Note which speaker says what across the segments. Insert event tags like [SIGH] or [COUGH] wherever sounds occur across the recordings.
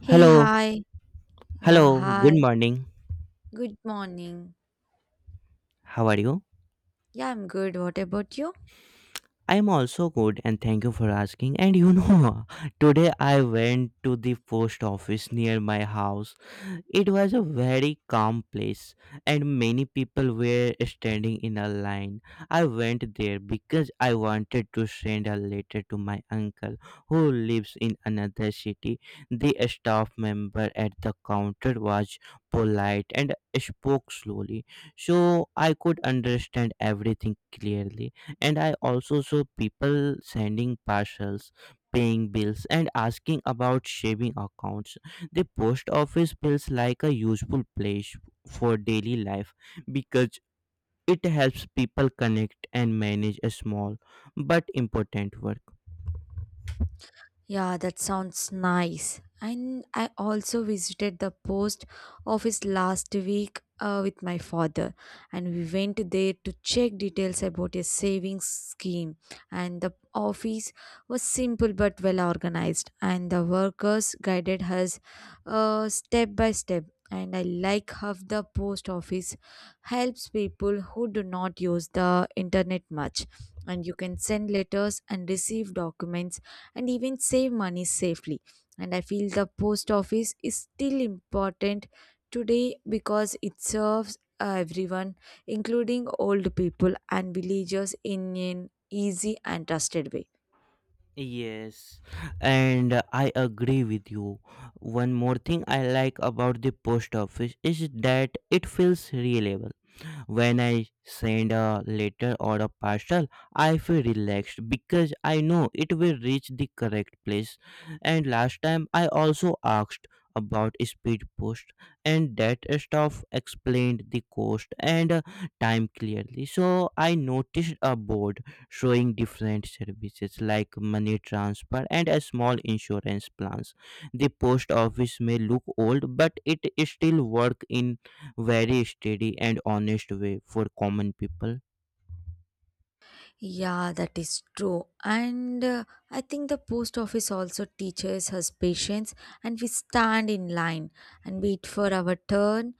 Speaker 1: Hey,
Speaker 2: Hello,
Speaker 1: hi. Yeah,
Speaker 2: hello,
Speaker 1: hi.
Speaker 2: good morning.
Speaker 1: Good morning.
Speaker 2: How are you?
Speaker 1: Yeah, I'm good. What about you?
Speaker 2: I am also good, and thank you for asking. And you know, [LAUGHS] today I went to the post office near my house. It was a very calm place, and many people were standing in a line. I went there because I wanted to send a letter to my uncle who lives in another city. The staff member at the counter was polite and spoke slowly, so I could understand everything clearly. And I also saw people sending parcels, paying bills, and asking about saving accounts. The post office feels like a useful place for daily life because it helps people connect and manage a small but important work.
Speaker 1: Yeah, that sounds nice. And I also visited the post office last week with my father, and we went there to check details about a savings scheme. And the office was simple but well organized, and the workers guided us step by step. And I like how the post office helps people who do not use the internet much. And you can send letters and receive documents and even save money safely. And I feel the post office is still important today because it serves everyone, including old people and villagers, in an easy and trusted way.
Speaker 2: Yes, and I agree with you. One more thing I like about the post office is that it feels reliable. When I send a letter or a parcel, I feel relaxed because I know it will reach the correct place. And last time I also asked about speed post, and that stuff explained the cost and time clearly. So I noticed a board showing different services like money transfer and a small insurance plans. The post office may look old, but it still work in very steady and honest way for common people.
Speaker 1: Yeah, that is true. And I think the post office also teaches us patience, and we stand in line and wait for our turn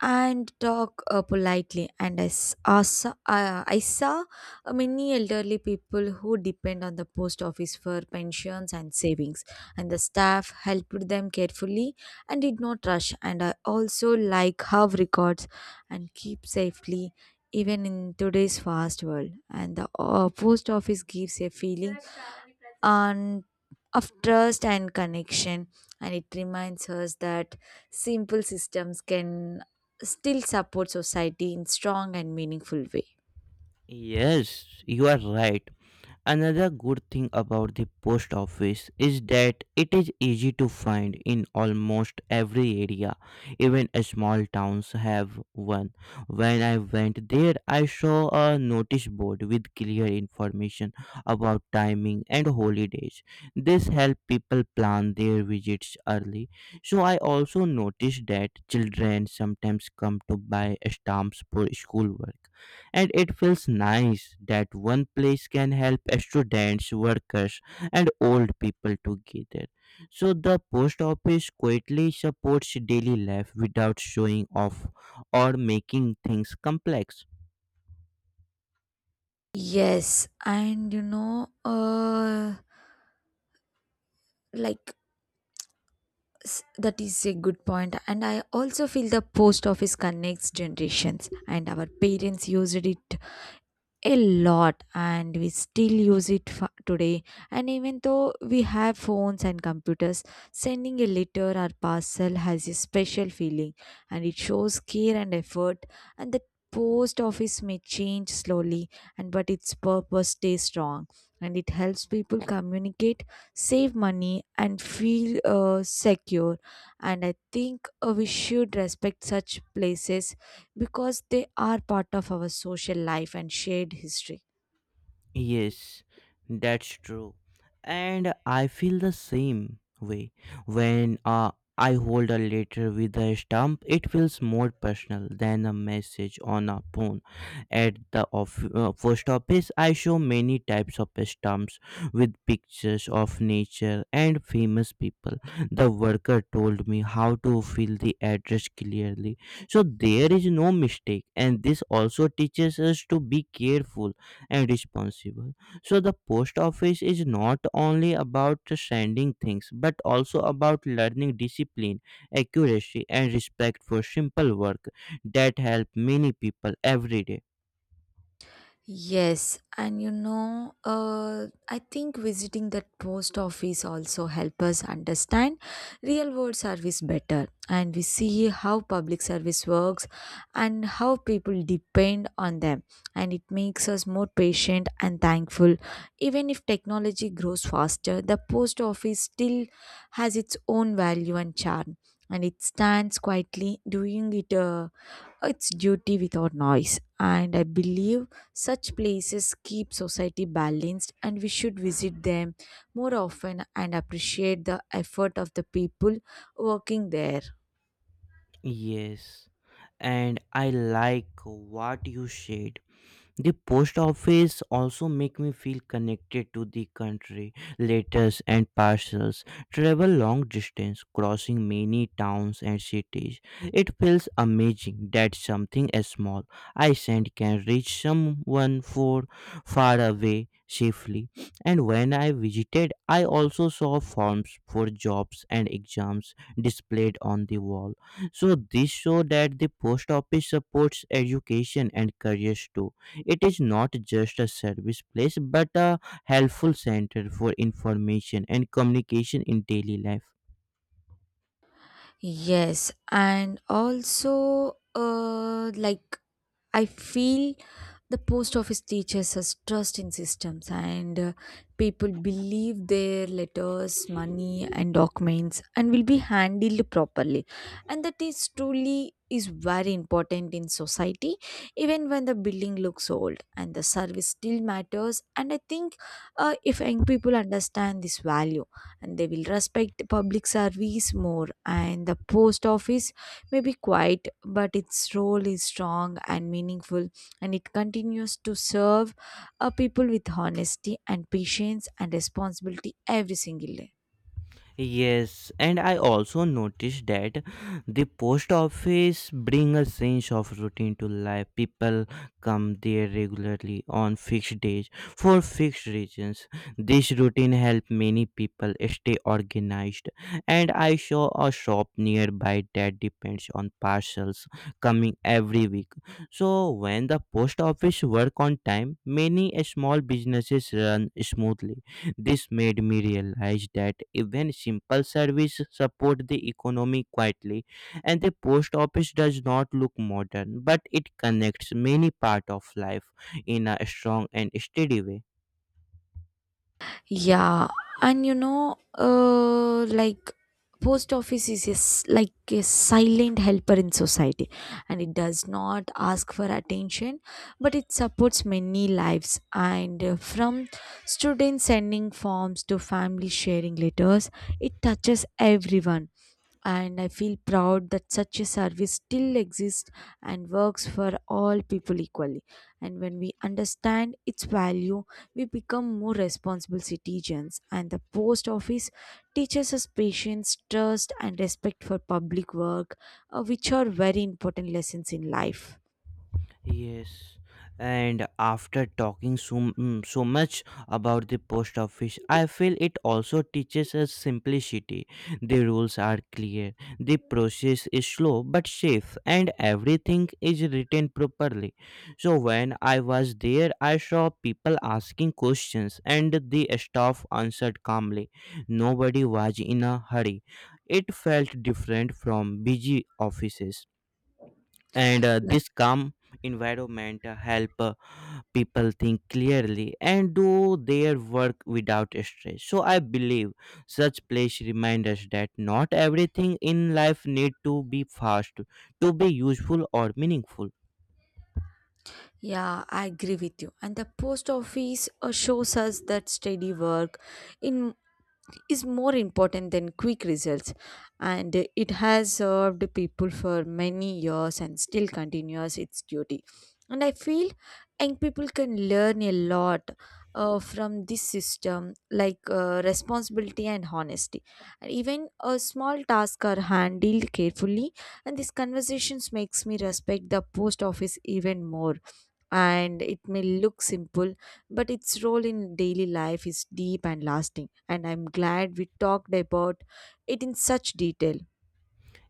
Speaker 1: and talk politely. And I, s- I saw many elderly people who depend on the post office for pensions and savings, and the staff helped them carefully and did not rush. And I also like how records and keep safely even in today's fast world, and the post office gives a feeling and of trust and connection, and it reminds us that simple systems can still support society in strong and meaningful way.
Speaker 2: Yes, you are right. Another good thing about the post office is that it is easy to find in almost every area. Even small towns have one. When I went there, I saw a notice board with clear information about timing and holidays. This helps people plan their visits early. So I also noticed that children sometimes come to buy stamps for schoolwork, and it feels nice that one place can help students, workers, and old people together. So the post office quietly supports daily life without showing off or making things complex.
Speaker 1: Yes and you know uh like s- that is a good point, and I also feel the post office connects generations, and our parents used it a lot, and we still use it today and even though we have phones and computers, sending a letter or parcel has a special feeling, and it shows care and effort. And the post office may change slowly and but its purpose stays strong, and it helps people communicate, save money, and feel secure. And I think we should respect such places because they are part of our social life and shared history.
Speaker 2: Yes, that's true. And I feel the same way. When I hold a letter with a stamp, it feels more personal than a message on a phone. At the post office, I show many types of stamps with pictures of nature and famous people. The worker told me how to fill the address clearly, so there is no mistake. And this also teaches us to be careful and responsible. So the post office is not only about sending things but also about learning discipline, accuracy and respect for simple work that help many people every day.
Speaker 1: Yes, I think visiting that post office also help us understand real world service better, and we see how public service works and how people depend on them, and it makes us more patient and thankful. Even if technology grows faster, the post office still has its own value and charm, and it stands quietly doing it. It's duty without noise, and I believe such places keep society balanced, and we should visit them more often and appreciate the effort of the people working there.
Speaker 2: Yes. And I like what you said. The post office also make me feel connected to the country. Letters and parcels travel long distance, crossing many towns and cities. It feels amazing that something as small I send can reach someone for far away safely. And when I visited, I also saw forms for jobs and exams displayed on the wall. So this show that the post office supports education and careers too. It is not just a service place but a helpful center for information and communication in daily life.
Speaker 1: Yes, and also like I feel the post office teaches us trust in systems, and people believe their letters, money, and documents, and will be handled properly. And that is truly is very important in society, even when the building looks old, and the service still matters. And I think if young people understand this value, and they will respect public service more, and the post office may be quiet, but its role is strong and meaningful, and it continues to serve a people with honesty and patience and responsibility every single day.
Speaker 2: Yes, and I also noticed that the post office bring a sense of routine to life. People come there regularly on fixed days for fixed reasons. This routine help many people stay organized. And I saw a shop nearby that depends on parcels coming every week. So when the post office work on time, many small businesses run smoothly. This made me realize that even simple service support the economy quietly, and the post office does not look modern, but it connects many part of life in a strong and steady way.
Speaker 1: Yeah, and you know, like post office is a s like a silent helper in society, and it does not ask for attention, but it supports many lives. And from students sending forms to family sharing letters, it touches everyone, and I feel proud that such a service still exists and works for all people equally. And when we understand its value, we become more responsible citizens. And the post office teaches us patience, trust, and respect for public work, which are very important lessons in life.
Speaker 2: Yes, and after talking so much about the post office, I feel it also teaches us simplicity. The rules are clear, the process is slow but safe, and everything is written properly. So, when I was there, I saw people asking questions, and the staff answered calmly. Nobody was in a hurry. It felt different from busy offices, and
Speaker 1: Yeah.
Speaker 2: this calm environment help people think clearly and do their work without stress. So I believe such place remind us that not everything in life need to be fast to be useful or meaningful.
Speaker 1: Yeah, I agree with you. And the post office shows us that steady work in is more important than quick results, and it has served people for many years and still continues its duty, and I feel young people can learn a lot from this system like responsibility and honesty, and even a small task are handled carefully, and these conversations makes me respect the post office even more, and it may look simple, but its role in daily life is deep and lasting. And I'm glad we talked about it in such detail.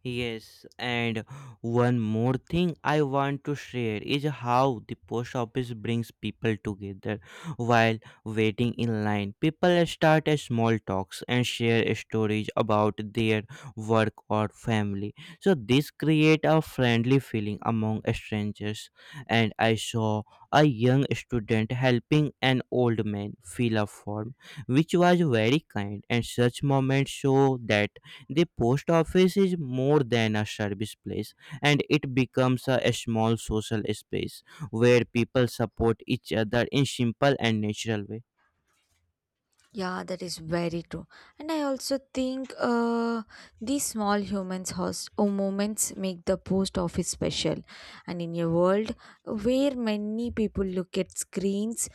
Speaker 2: Yes, and one more thing I want to share is how the post office brings people together while waiting in line. People start a small talks and share stories about their work or family. So this create a friendly feeling among strangers. And I saw a young student helping an old man fill a form, which was very kind. And such moments show that the post office is more than a service place, and it becomes a small social space where people support each other in simple and natural way.
Speaker 1: Yeah, that is very true. And I also think these small humans host or moments make the post office special. And in a world where many people look at screens,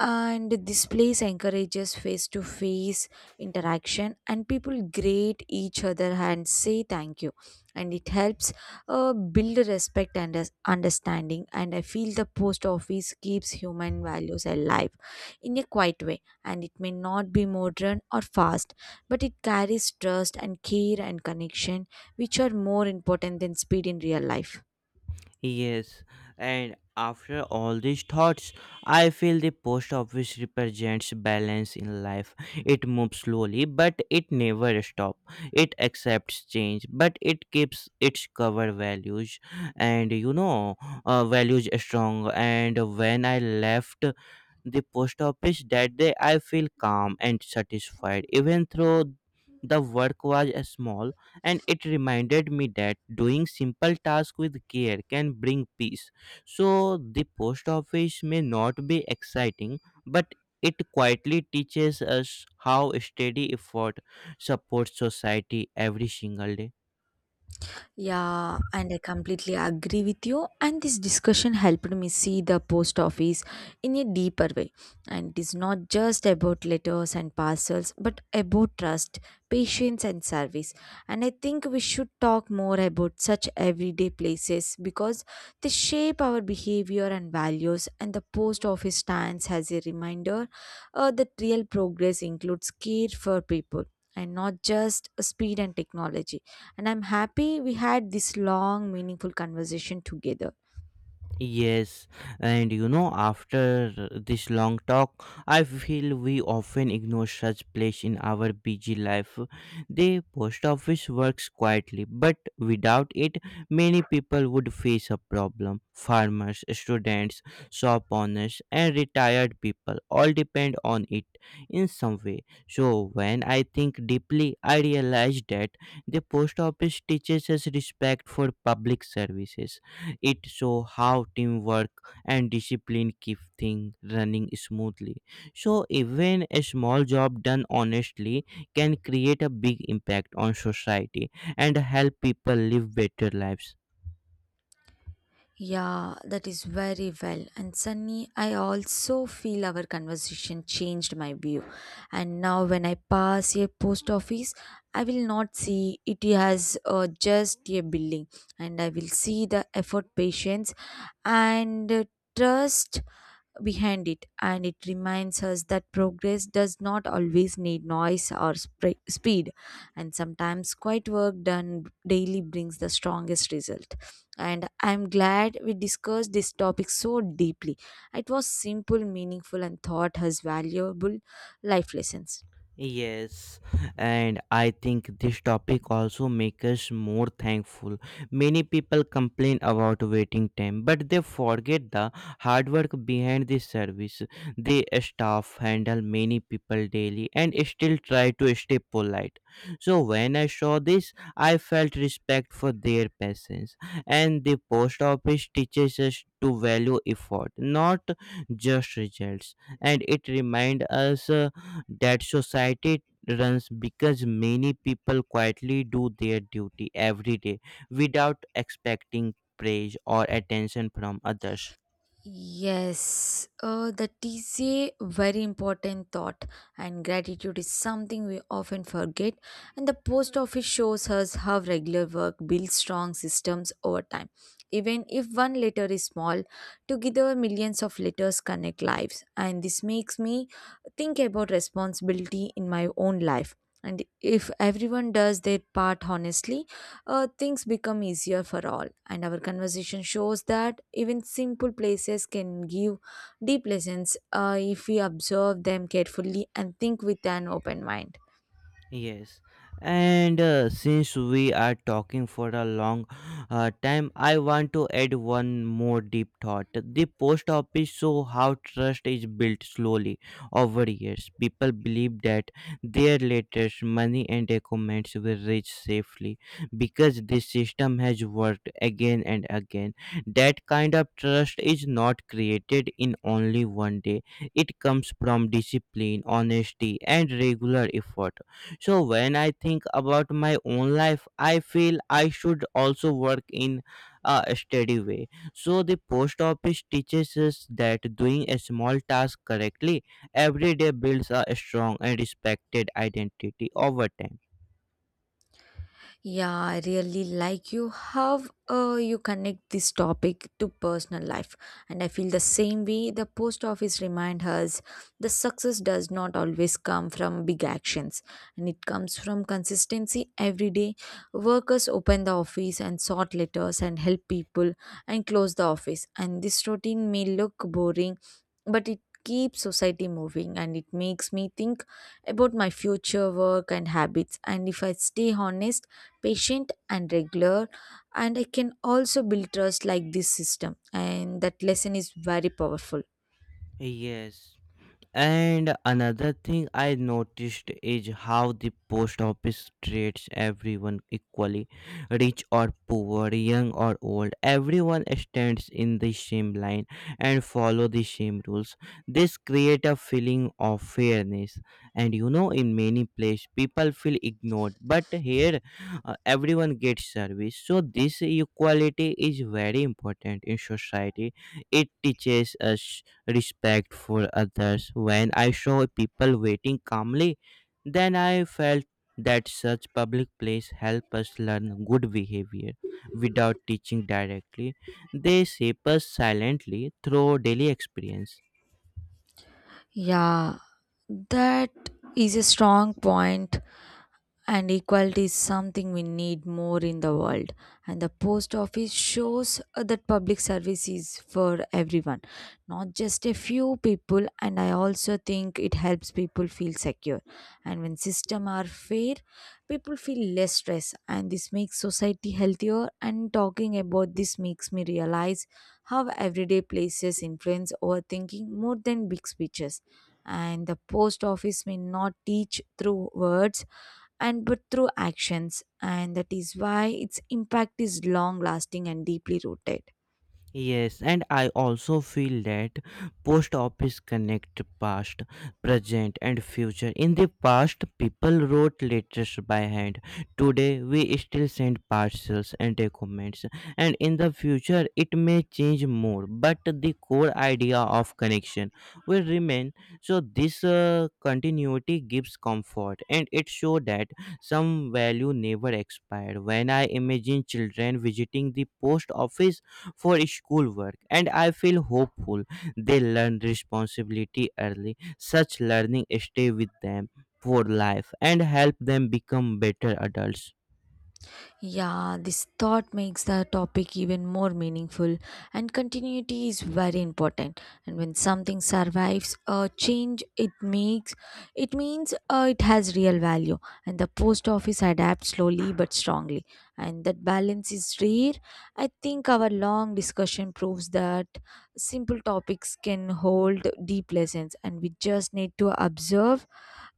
Speaker 1: and this place encourages face to face interaction, and people greet each other and say thank you, and it helps build respect and understanding, and I feel the post office keeps human values alive in a quiet way, and it may not be modern or fast, but it carries trust and care and connection, which are more important than speed in real life.
Speaker 2: Yes, and after all these thoughts, I feel the post office represents balance in life. It moves slowly, but it never stops. It accepts change, but it keeps its cover values, and you know, values strong. And when I left the post office that day, I feel calm and satisfied, even though the work was small. And it reminded me that doing simple tasks with care can bring peace. So the post office may not be exciting, but it quietly teaches us how steady effort supports society every single day.
Speaker 1: Yeah, and I completely agree with you. And this discussion helped me see the post office in a deeper way. And it is not just about letters and parcels, but about trust, patience, and service. And I think we should talk more about such everyday places because they shape our behavior and values. And the post office stands as a reminder that real progress includes care for people and not just speed and technology, and I'm happy we had this long, meaningful conversation together.
Speaker 2: Yes, and you know, after this long talk, I feel we often ignore such place in our busy life. The post office works quietly, but without it, many people would face a problem. Farmers, students, shop owners, and retired people all depend on it in some way. So, when I think deeply, I realize that the post office teaches us respect for public services. It shows how teamwork and discipline keep things running smoothly. So even a small job done honestly can create a big impact on society and help people live better lives.
Speaker 1: Yeah, that is very well. And Sunny, I also feel our conversation changed my view. And now, when I pass a post office, I will not see it as just a building, and I will see the effort, patience, and trust behind it, and it reminds us that progress does not always need noise or speed, and sometimes quiet work done daily brings the strongest result. And I'm glad we discussed this topic so deeply. It was simple, meaningful, and taught us valuable life lessons.
Speaker 2: Yes, and I think this topic also makes us more thankful. Many people complain about waiting time, but they forget the hard work behind the service. The staff handle many people daily and still try to stay polite. So when I saw this, I felt respect for their patience. And the post office teaches us to value effort, not just results, and it reminds us that society runs because many people quietly do their duty every day without expecting praise or attention from others.
Speaker 1: Yes, that is a very important thought, and gratitude is something we often forget. And the post office shows us how regular work builds strong systems over time. Even if one letter is small, together millions of letters connect lives, and this makes me think about responsibility in my own life. And if everyone does their part honestly, things become easier for all. And our conversation shows that even simple places can give deep lessons if we observe them carefully and think with an open mind.
Speaker 2: Yes, and since we are talking for a long time, I want to add one more deep thought. The post office show how trust is built slowly over years. People believe that their letters, money, and documents will reach safely because this system has worked again and again. That kind of trust is not created in only one day. It comes from discipline, honesty, and regular effort. So when I think about my own life, I feel I should also work in a steady way. So the post office teaches us that doing a small task correctly every day builds a strong and respected identity over time.
Speaker 1: Yeah, I really like you how you connect this topic to personal life. And I feel the same way the post office remind us the success does not always come from big actions, and it comes from consistency every day. Workers open the office and sort letters and help people and close the office. And this routine may look boring, but it keeps society moving, and it makes me think about my future work and habits. And if I stay honest, patient and regular, and I can also build trust like this system, and that lesson is very powerful.
Speaker 2: Yes. And another thing I noticed is how the post office treats everyone equally, rich or poor, young or old. Everyone stands in the same line and follow the same rules. This create a feeling of fairness. And you know, in many places, people feel ignored, but here everyone gets service. So this equality is very important in society. It teaches us respect for others. When I saw people waiting calmly, then I felt that such public place help us learn good behavior without teaching directly. They shape us silently through daily experience.
Speaker 1: Yeah, that is a strong point, and equality is something we need more in the world, and the post office shows that public service is for everyone, not just a few people, and I also think it helps people feel secure, and when systems are fair, people feel less stress, and this makes society healthier, and talking about this makes me realize how everyday places influence our thinking more than big speeches. And the post office may not teach through words, and but through actions, and that is why its impact is long lasting and deeply rooted.
Speaker 2: Yes, and I also feel that post office connect past, present, and future. In the past, people wrote letters by hand. Today, we still send parcels and documents. And in the future, it may change more, but the core idea of connection will remain. So, this continuity gives comfort, and it shows that some value never expired. When I imagine children visiting the post office for schoolwork, and I feel hopeful they learn responsibility early. Such learning stay with them for life and help them become better adults.
Speaker 1: Yeah, this thought makes the topic even more meaningful, and continuity is very important. And when something survives a change, it means it has real value. And the post office adapts slowly but strongly, and that balance is rare. I think our long discussion proves that simple topics can hold deep lessons, and we just need to observe,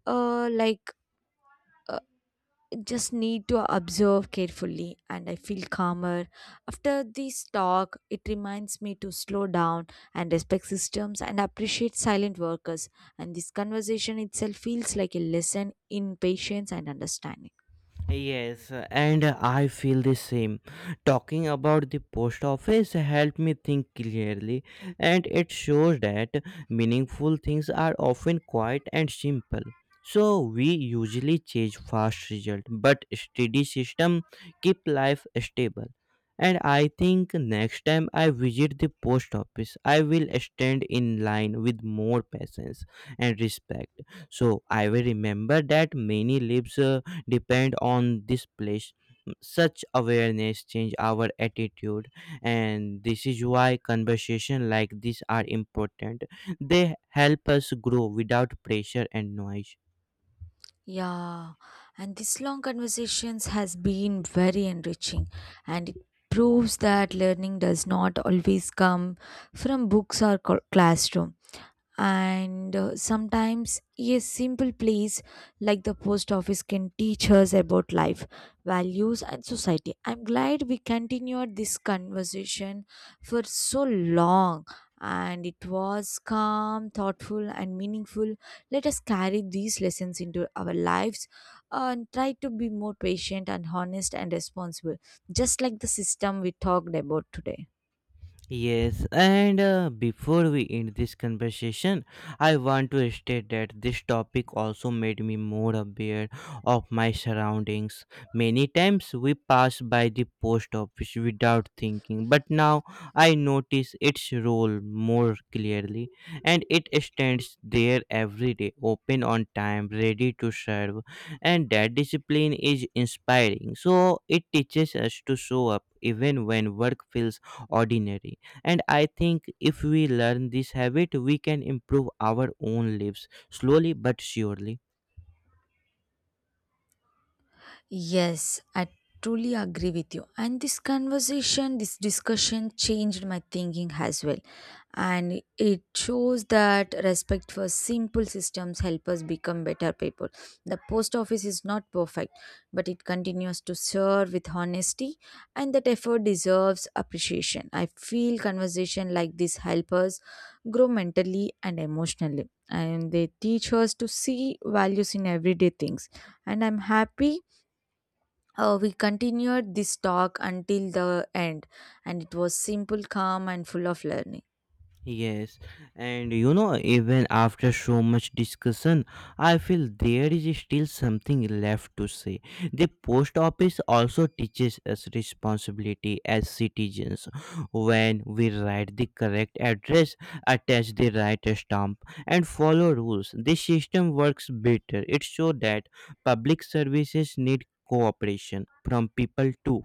Speaker 1: uh, like just need to observe carefully, and I feel calmer after this talk. It reminds me to slow down and respect systems and appreciate silent workers, and this conversation itself feels like a lesson in patience and understanding.
Speaker 2: Yes, and I feel the same. Talking about the post office helped me think clearly, and it shows that meaningful things are often quiet and simple. So we usually chase fast result, but steady system keep life stable. And I think next time I visit the post office, I will stand in line with more patience and respect. So I will remember that many lives depend on this place. Such awareness change our attitude, and this is why conversation like this are important. They help us grow without pressure and noise.
Speaker 1: Yeah, and this long conversations has been very enriching, and it proves that learning does not always come from books or classroom, and sometimes a simple place like the post office can teach us about life values and society. I'm glad we continued this conversation for so long, and it was calm, thoughtful, and meaningful. Let us carry these lessons into our lives, and try to be more patient and honest and responsible, just like the system we talked about today.
Speaker 2: Yes, and before we end this conversation, I want to state that this topic also made me more aware of my surroundings. Many times we pass by the post office without thinking, but now I notice its role more clearly, and it stands there every day, open on time, ready to serve, and that discipline is inspiring. So it teaches us to show up even when work feels ordinary, and I think if we learn this habit we can improve our own lives slowly but surely.
Speaker 1: Yes, I truly agree with you. And this conversation, this discussion changed my thinking as well. And it shows that respect for simple systems help us become better people. The post office is not perfect, but it continues to serve with honesty, and that effort deserves appreciation. I feel conversation like this help us grow mentally and emotionally. And they teach us to see values in everyday things. And I'm happy, we continued this talk until the end, and it was simple, calm, and full of learning.
Speaker 2: Yes, and you know, even after so much discussion, I feel there is still something left to say. The post office also teaches us responsibility as citizens. When we write the correct address, attach the right stamp, and follow rules, the system works better. It shows that public services need cooperation from people too.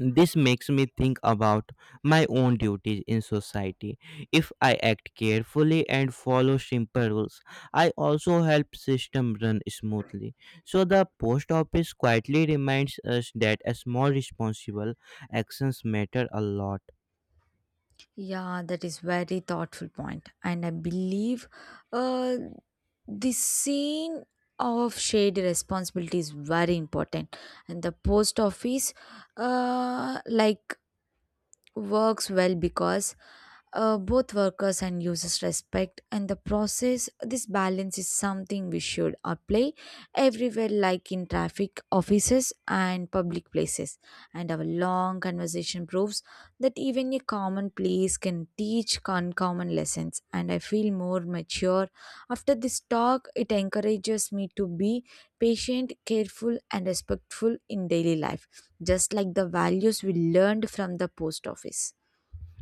Speaker 2: This makes me think about my own duties in society. If I act carefully and follow simple rules, I also help system run smoothly. So the post office quietly reminds us that a small responsible actions matter a lot.
Speaker 1: Yeah, that is very thoughtful point, and I believe, uh, this scene of shared responsibility is very important. And the post office, like works well because both workers and users respect and the process this balance is something we should apply everywhere like in traffic offices and public places, and our long conversation proves that even a common place can teach uncommon lessons, and I feel more mature after this talk. It encourages me to be patient, careful, and respectful in daily life, just like the values we learned from the post office.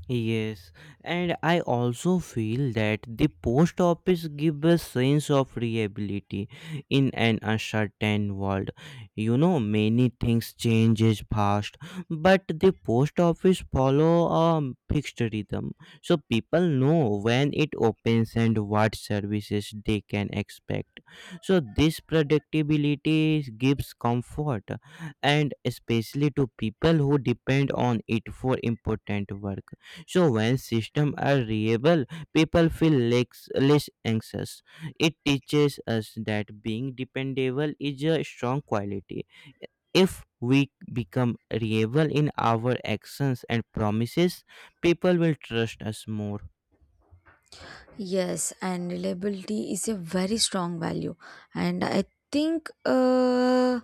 Speaker 2: Yes, and I also feel that the post office give a sense of reliability in an uncertain world. You know, many things changes fast, but the post office follow a fixed rhythm, so people know when it opens and what services they can expect. So this predictability gives comfort, and especially to people who depend on it for important work. So when systems are reliable, people feel less anxious. It teaches us that being dependable is a strong quality. If we become reliable in our actions and promises, people will trust us more.
Speaker 1: Yes, and reliability is a very strong value. And I think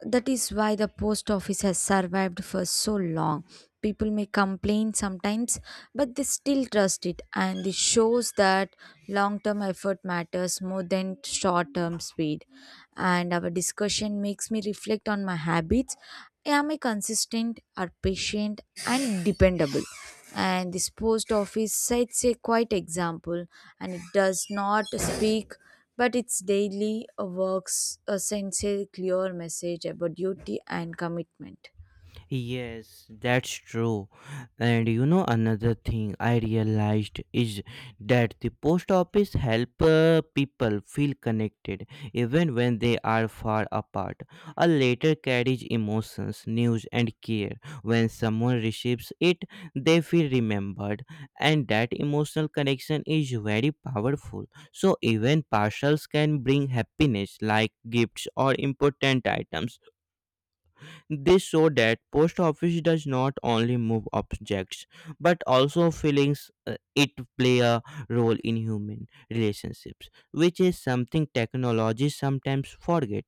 Speaker 1: that is why the post office has survived for so long. People may complain sometimes, but they still trust it. And this shows that long term effort matters more than short term speed. And our discussion makes me reflect on my habits. Am I consistent or patient and dependable? And this post office sets a quite example, and it does not speak, but its daily works sends a clear message about duty and commitment.
Speaker 2: Yes, that's true. And you know another thing I realized is that the post office help people feel connected even when they are far apart. A letter carries emotions, news and care. When someone receives it, they feel remembered, and that emotional connection is very powerful. So even parcels can bring happiness like gifts or important items. This showed that post office does not only move objects but also feelings. It play a role in human relationships, which is something technology sometimes forget.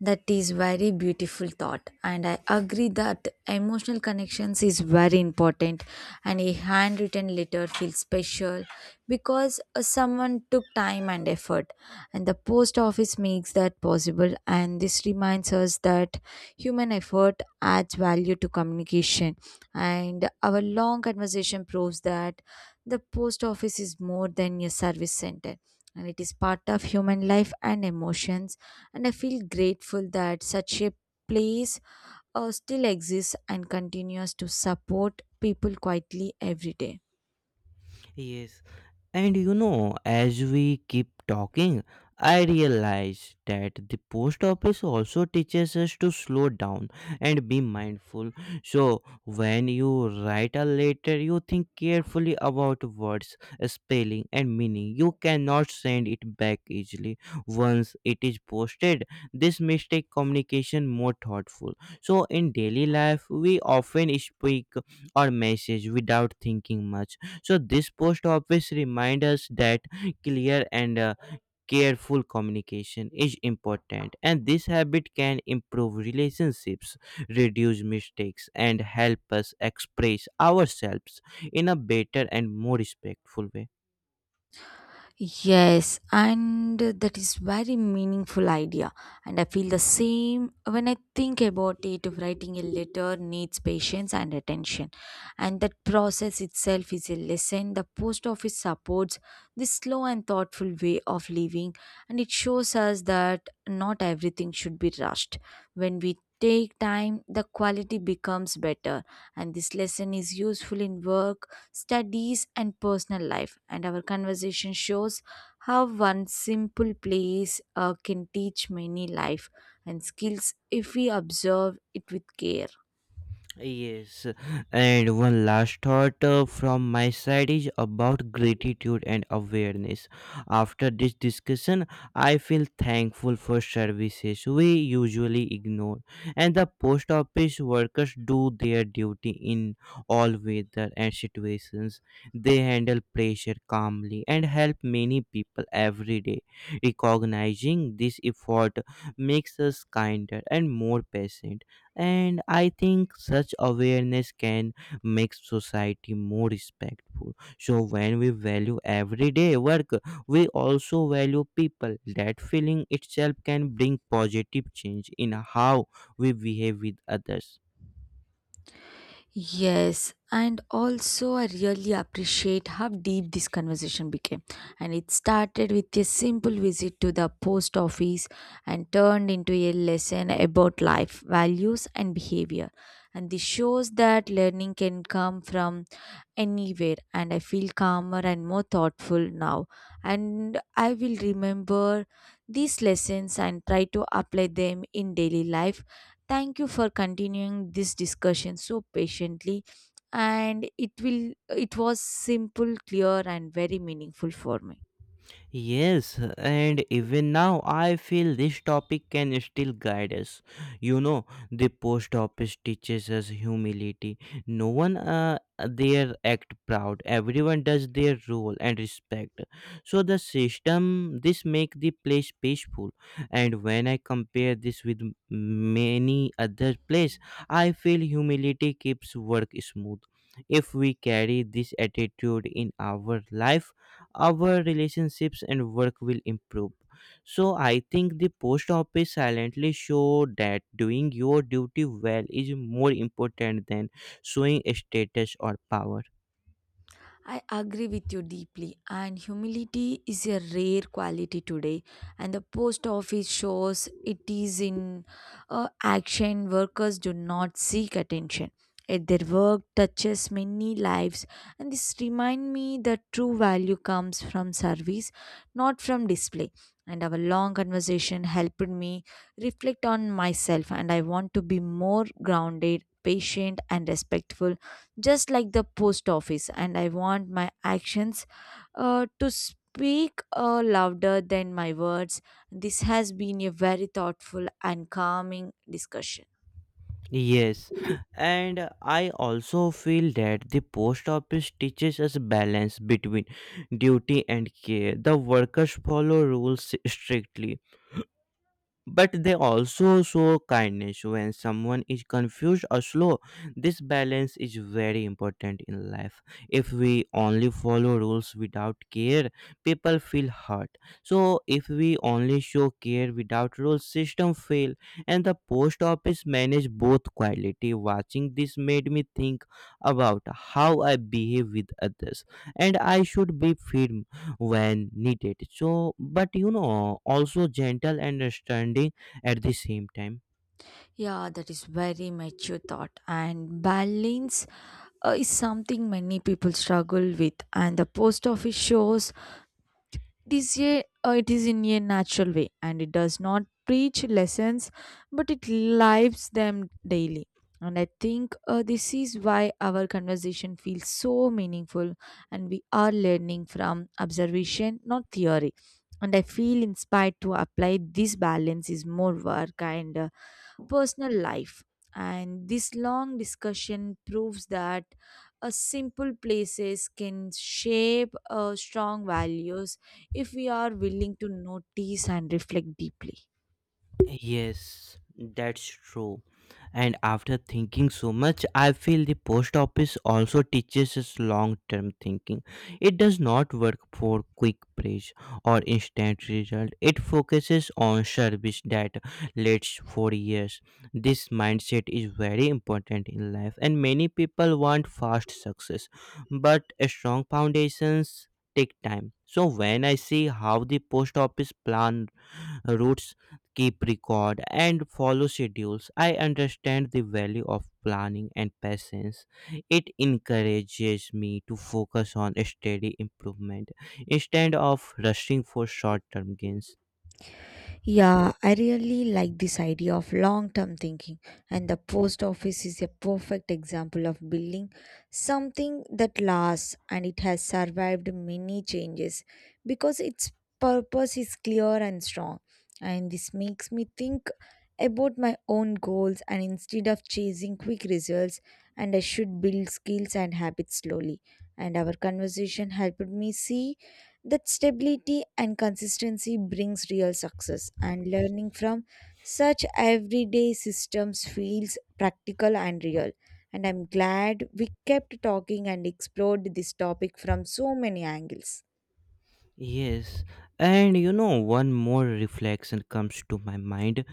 Speaker 1: That is very beautiful thought, and I agree that emotional connections is very important, and a handwritten letter feels special because someone took time and effort, and the post office makes that possible. And this reminds us that human effort adds value to communication, and our long conversation proves that the post office is more than a service center, and it is part of human life and emotions. And I feel grateful that such a place still exists and continues to support people quietly every day.
Speaker 2: Yes. And you know, as we keep talking, I realize that the post office also teaches us to slow down and be mindful. So, when you write a letter, you think carefully about words, spelling, and meaning. You cannot send it back easily once it is posted. This mistake communication more thoughtful. So, in daily life, we often speak or message without thinking much. So this post office reminds us that clear and careful communication is important, and this habit can improve relationships, reduce mistakes, and help us express ourselves in a better and more respectful way.
Speaker 1: Yes, and that is very meaningful idea. And I feel the same when I think about it. Writing a letter needs patience and attention, and that process itself is a lesson. The post office supports this slow and thoughtful way of living, and it shows us that not everything should be rushed. When we take time, the quality becomes better, and this lesson is useful in work studies, and personal life. And our conversation shows how one simple place can teach many life and skills if we observe it with care.
Speaker 2: Yes, and one last thought from my side is about gratitude and awareness. After this discussion, I feel thankful for services we usually ignore, and the post office workers do their duty in all weather and situations. They handle pressure calmly and help many people every day. Recognizing this effort makes us kinder and more patient, and I think such awareness can make society more respectful. So when we value everyday work, we also value people. That feeling itself can bring positive change in how we behave with others.
Speaker 1: Yes, and also I really appreciate how deep this conversation became. And it started with a simple visit to the post office and turned into a lesson about life, values, and behavior. And this shows that learning can come from anywhere, and I feel calmer and more thoughtful now. And I will remember these lessons and try to apply them in daily life. Thank you for continuing this discussion so patiently, and it was simple, clear, and very meaningful for me.
Speaker 2: Yes, and even now I feel this topic can still guide us. You know, the post office teaches us humility. No one there act proud. Everyone does their role and respect. So the system this make the place peaceful. And when I compare this with many other place, I feel humility keeps work smooth. If we carry this attitude in our life, our relationships and work will improve. So I think the post office silently show that doing your duty well is more important than showing status or power.
Speaker 1: I agree with you deeply, and humility is a rare quality today. And the post office shows it is in action. Workers do not seek attention. Yet their work touches many lives, and this remind me that true value comes from service, not from display. And our long conversation helped me reflect on myself, and I want to be more grounded, patient, and respectful, just like the post office. And I want my actions to speak louder than my words. This has been a very thoughtful and calming discussion.
Speaker 2: Yes, and I also feel that the post office teaches us balance between duty and care. The workers follow rules strictly but they also show kindness when someone is confused or slow. This balance is very important in life. If we only follow rules without care, people feel hurt. So if we only show care without rules, system fail. And the post office manage both quality. Watching this made me think about how I behave with others, and I should be firm when needed, so but you know also gentle and understanding at the same time.
Speaker 1: Yeah, that is very mature thought, and balance is something many people struggle with. And the post office shows this year, it is in a natural way, and it does not preach lessons, but it lives them daily. And I think this is why our conversation feels so meaningful, and we are learning from observation not theory. And I feel inspired to apply this balance is more work and personal life. And this long discussion proves that a simple places can shape strong values if we are willing to notice and reflect deeply.
Speaker 2: Yes, that's true. And after thinking so much, I feel the post office also teaches us long term thinking. It does not work for quick praise or instant result, it focuses on service that lasts for years. This mindset is very important in life, and many people want fast success, but a strong foundations take time. So when I see how the post office plan routes, keep record, and follow schedules. I understand the value of planning and patience. It encourages me to focus on steady improvement instead of rushing for short term gains.
Speaker 1: Yeah, I really like this idea of long term thinking, and the post office is a perfect example of building something that lasts, and it has survived many changes because its purpose is clear and strong. And this makes me think about my own goals, and instead of chasing quick results, and I should build skills and habits slowly. And our conversation helped me see that stability and consistency brings real success, and learning from such everyday systems feels practical and real. And I'm glad we kept talking and explored this topic from so many angles.
Speaker 2: Yes, and you know, one more reflection comes to my mind.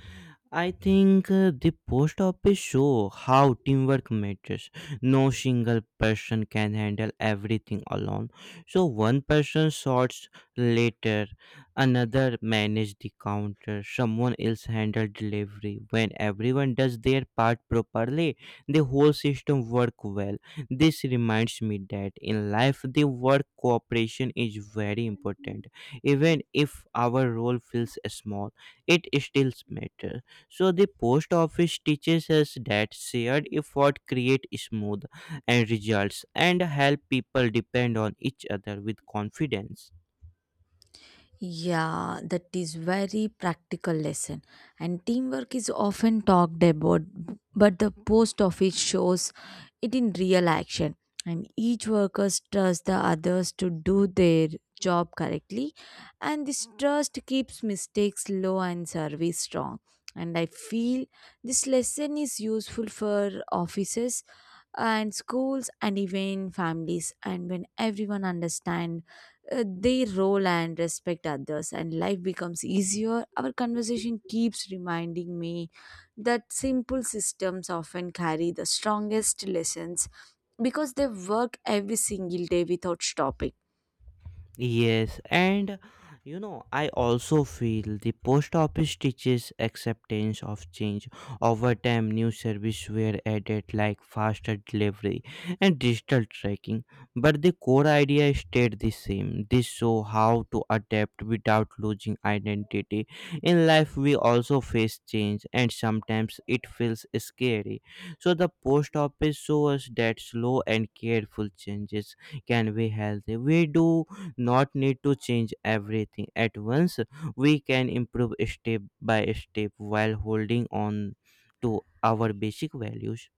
Speaker 2: I think the post office show how teamwork matters. No single person can handle everything alone. So one person sorts later, another manages the counter, someone else handle delivery. When everyone does their part properly, the whole system work well. This reminds me that in life the work cooperation is very important. Even if our role feels small, it still matters. So the post office teaches us that shared effort create smooth and results and help people depend on each other with confidence.
Speaker 1: Yeah, that is very practical lesson. And teamwork is often talked about, but the post office shows it in real action. And each worker trusts the others to do their job correctly, and this trust keeps mistakes low and service strong. And I feel this lesson is useful for offices and schools and even families. And when everyone understand their role and respect others, and life becomes easier. Our conversation keeps reminding me that simple systems often carry the strongest lessons because they work every single day without stopping.
Speaker 2: Yes, and you know, I also feel the post office teaches acceptance of change. Over time, new services were added like faster delivery and digital tracking, but the core idea stayed the same. This show how to adapt without losing identity. In life, we also face change, and sometimes it feels scary. So the post office shows us that slow and careful changes can be healthy. We do not need to change everything at once. We can improve step by step while holding on to our basic values.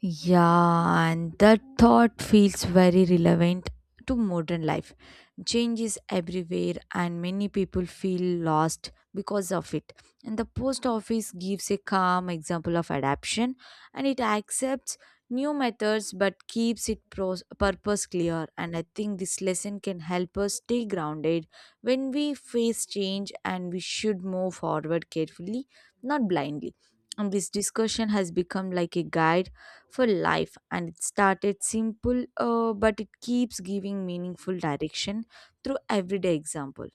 Speaker 1: Yeah, and that thought feels very relevant to modern life. Change is everywhere, and many people feel lost because of it. And the post office gives a calm example of adaptation, and it accepts new methods but keeps its purpose clear. And I think this lesson can help us stay grounded when we face change, and we should move forward carefully, not blindly. And this discussion has become like a guide for life, and it started simple, but it keeps giving meaningful direction through everyday example.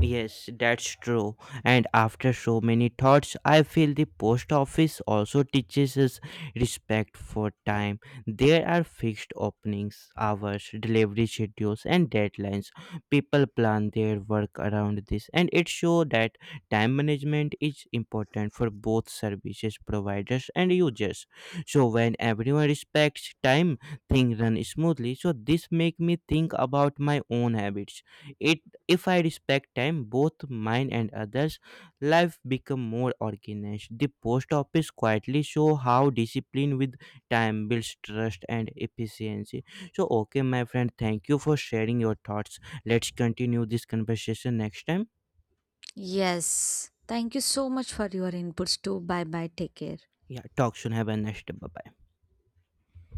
Speaker 2: Yes, that's true. And after so many thoughts, I feel the post office also teaches us respect for time. There are fixed openings, hours, delivery schedules, and deadlines. People plan their work around this, and it shows that time management is important for both services providers and users. So when everyone respects time, things run smoothly. So this make me think about my own habits. It if I respect time, both mine and others, life become more organized. The post office quietly show how discipline with time builds trust and efficiency. So, okay, my friend, thank you for sharing your thoughts. Let's continue this conversation next time.
Speaker 1: Yes, thank you so much for your inputs too. Bye bye, take care.
Speaker 2: Yeah, talk soon. Have a nice day. Bye bye.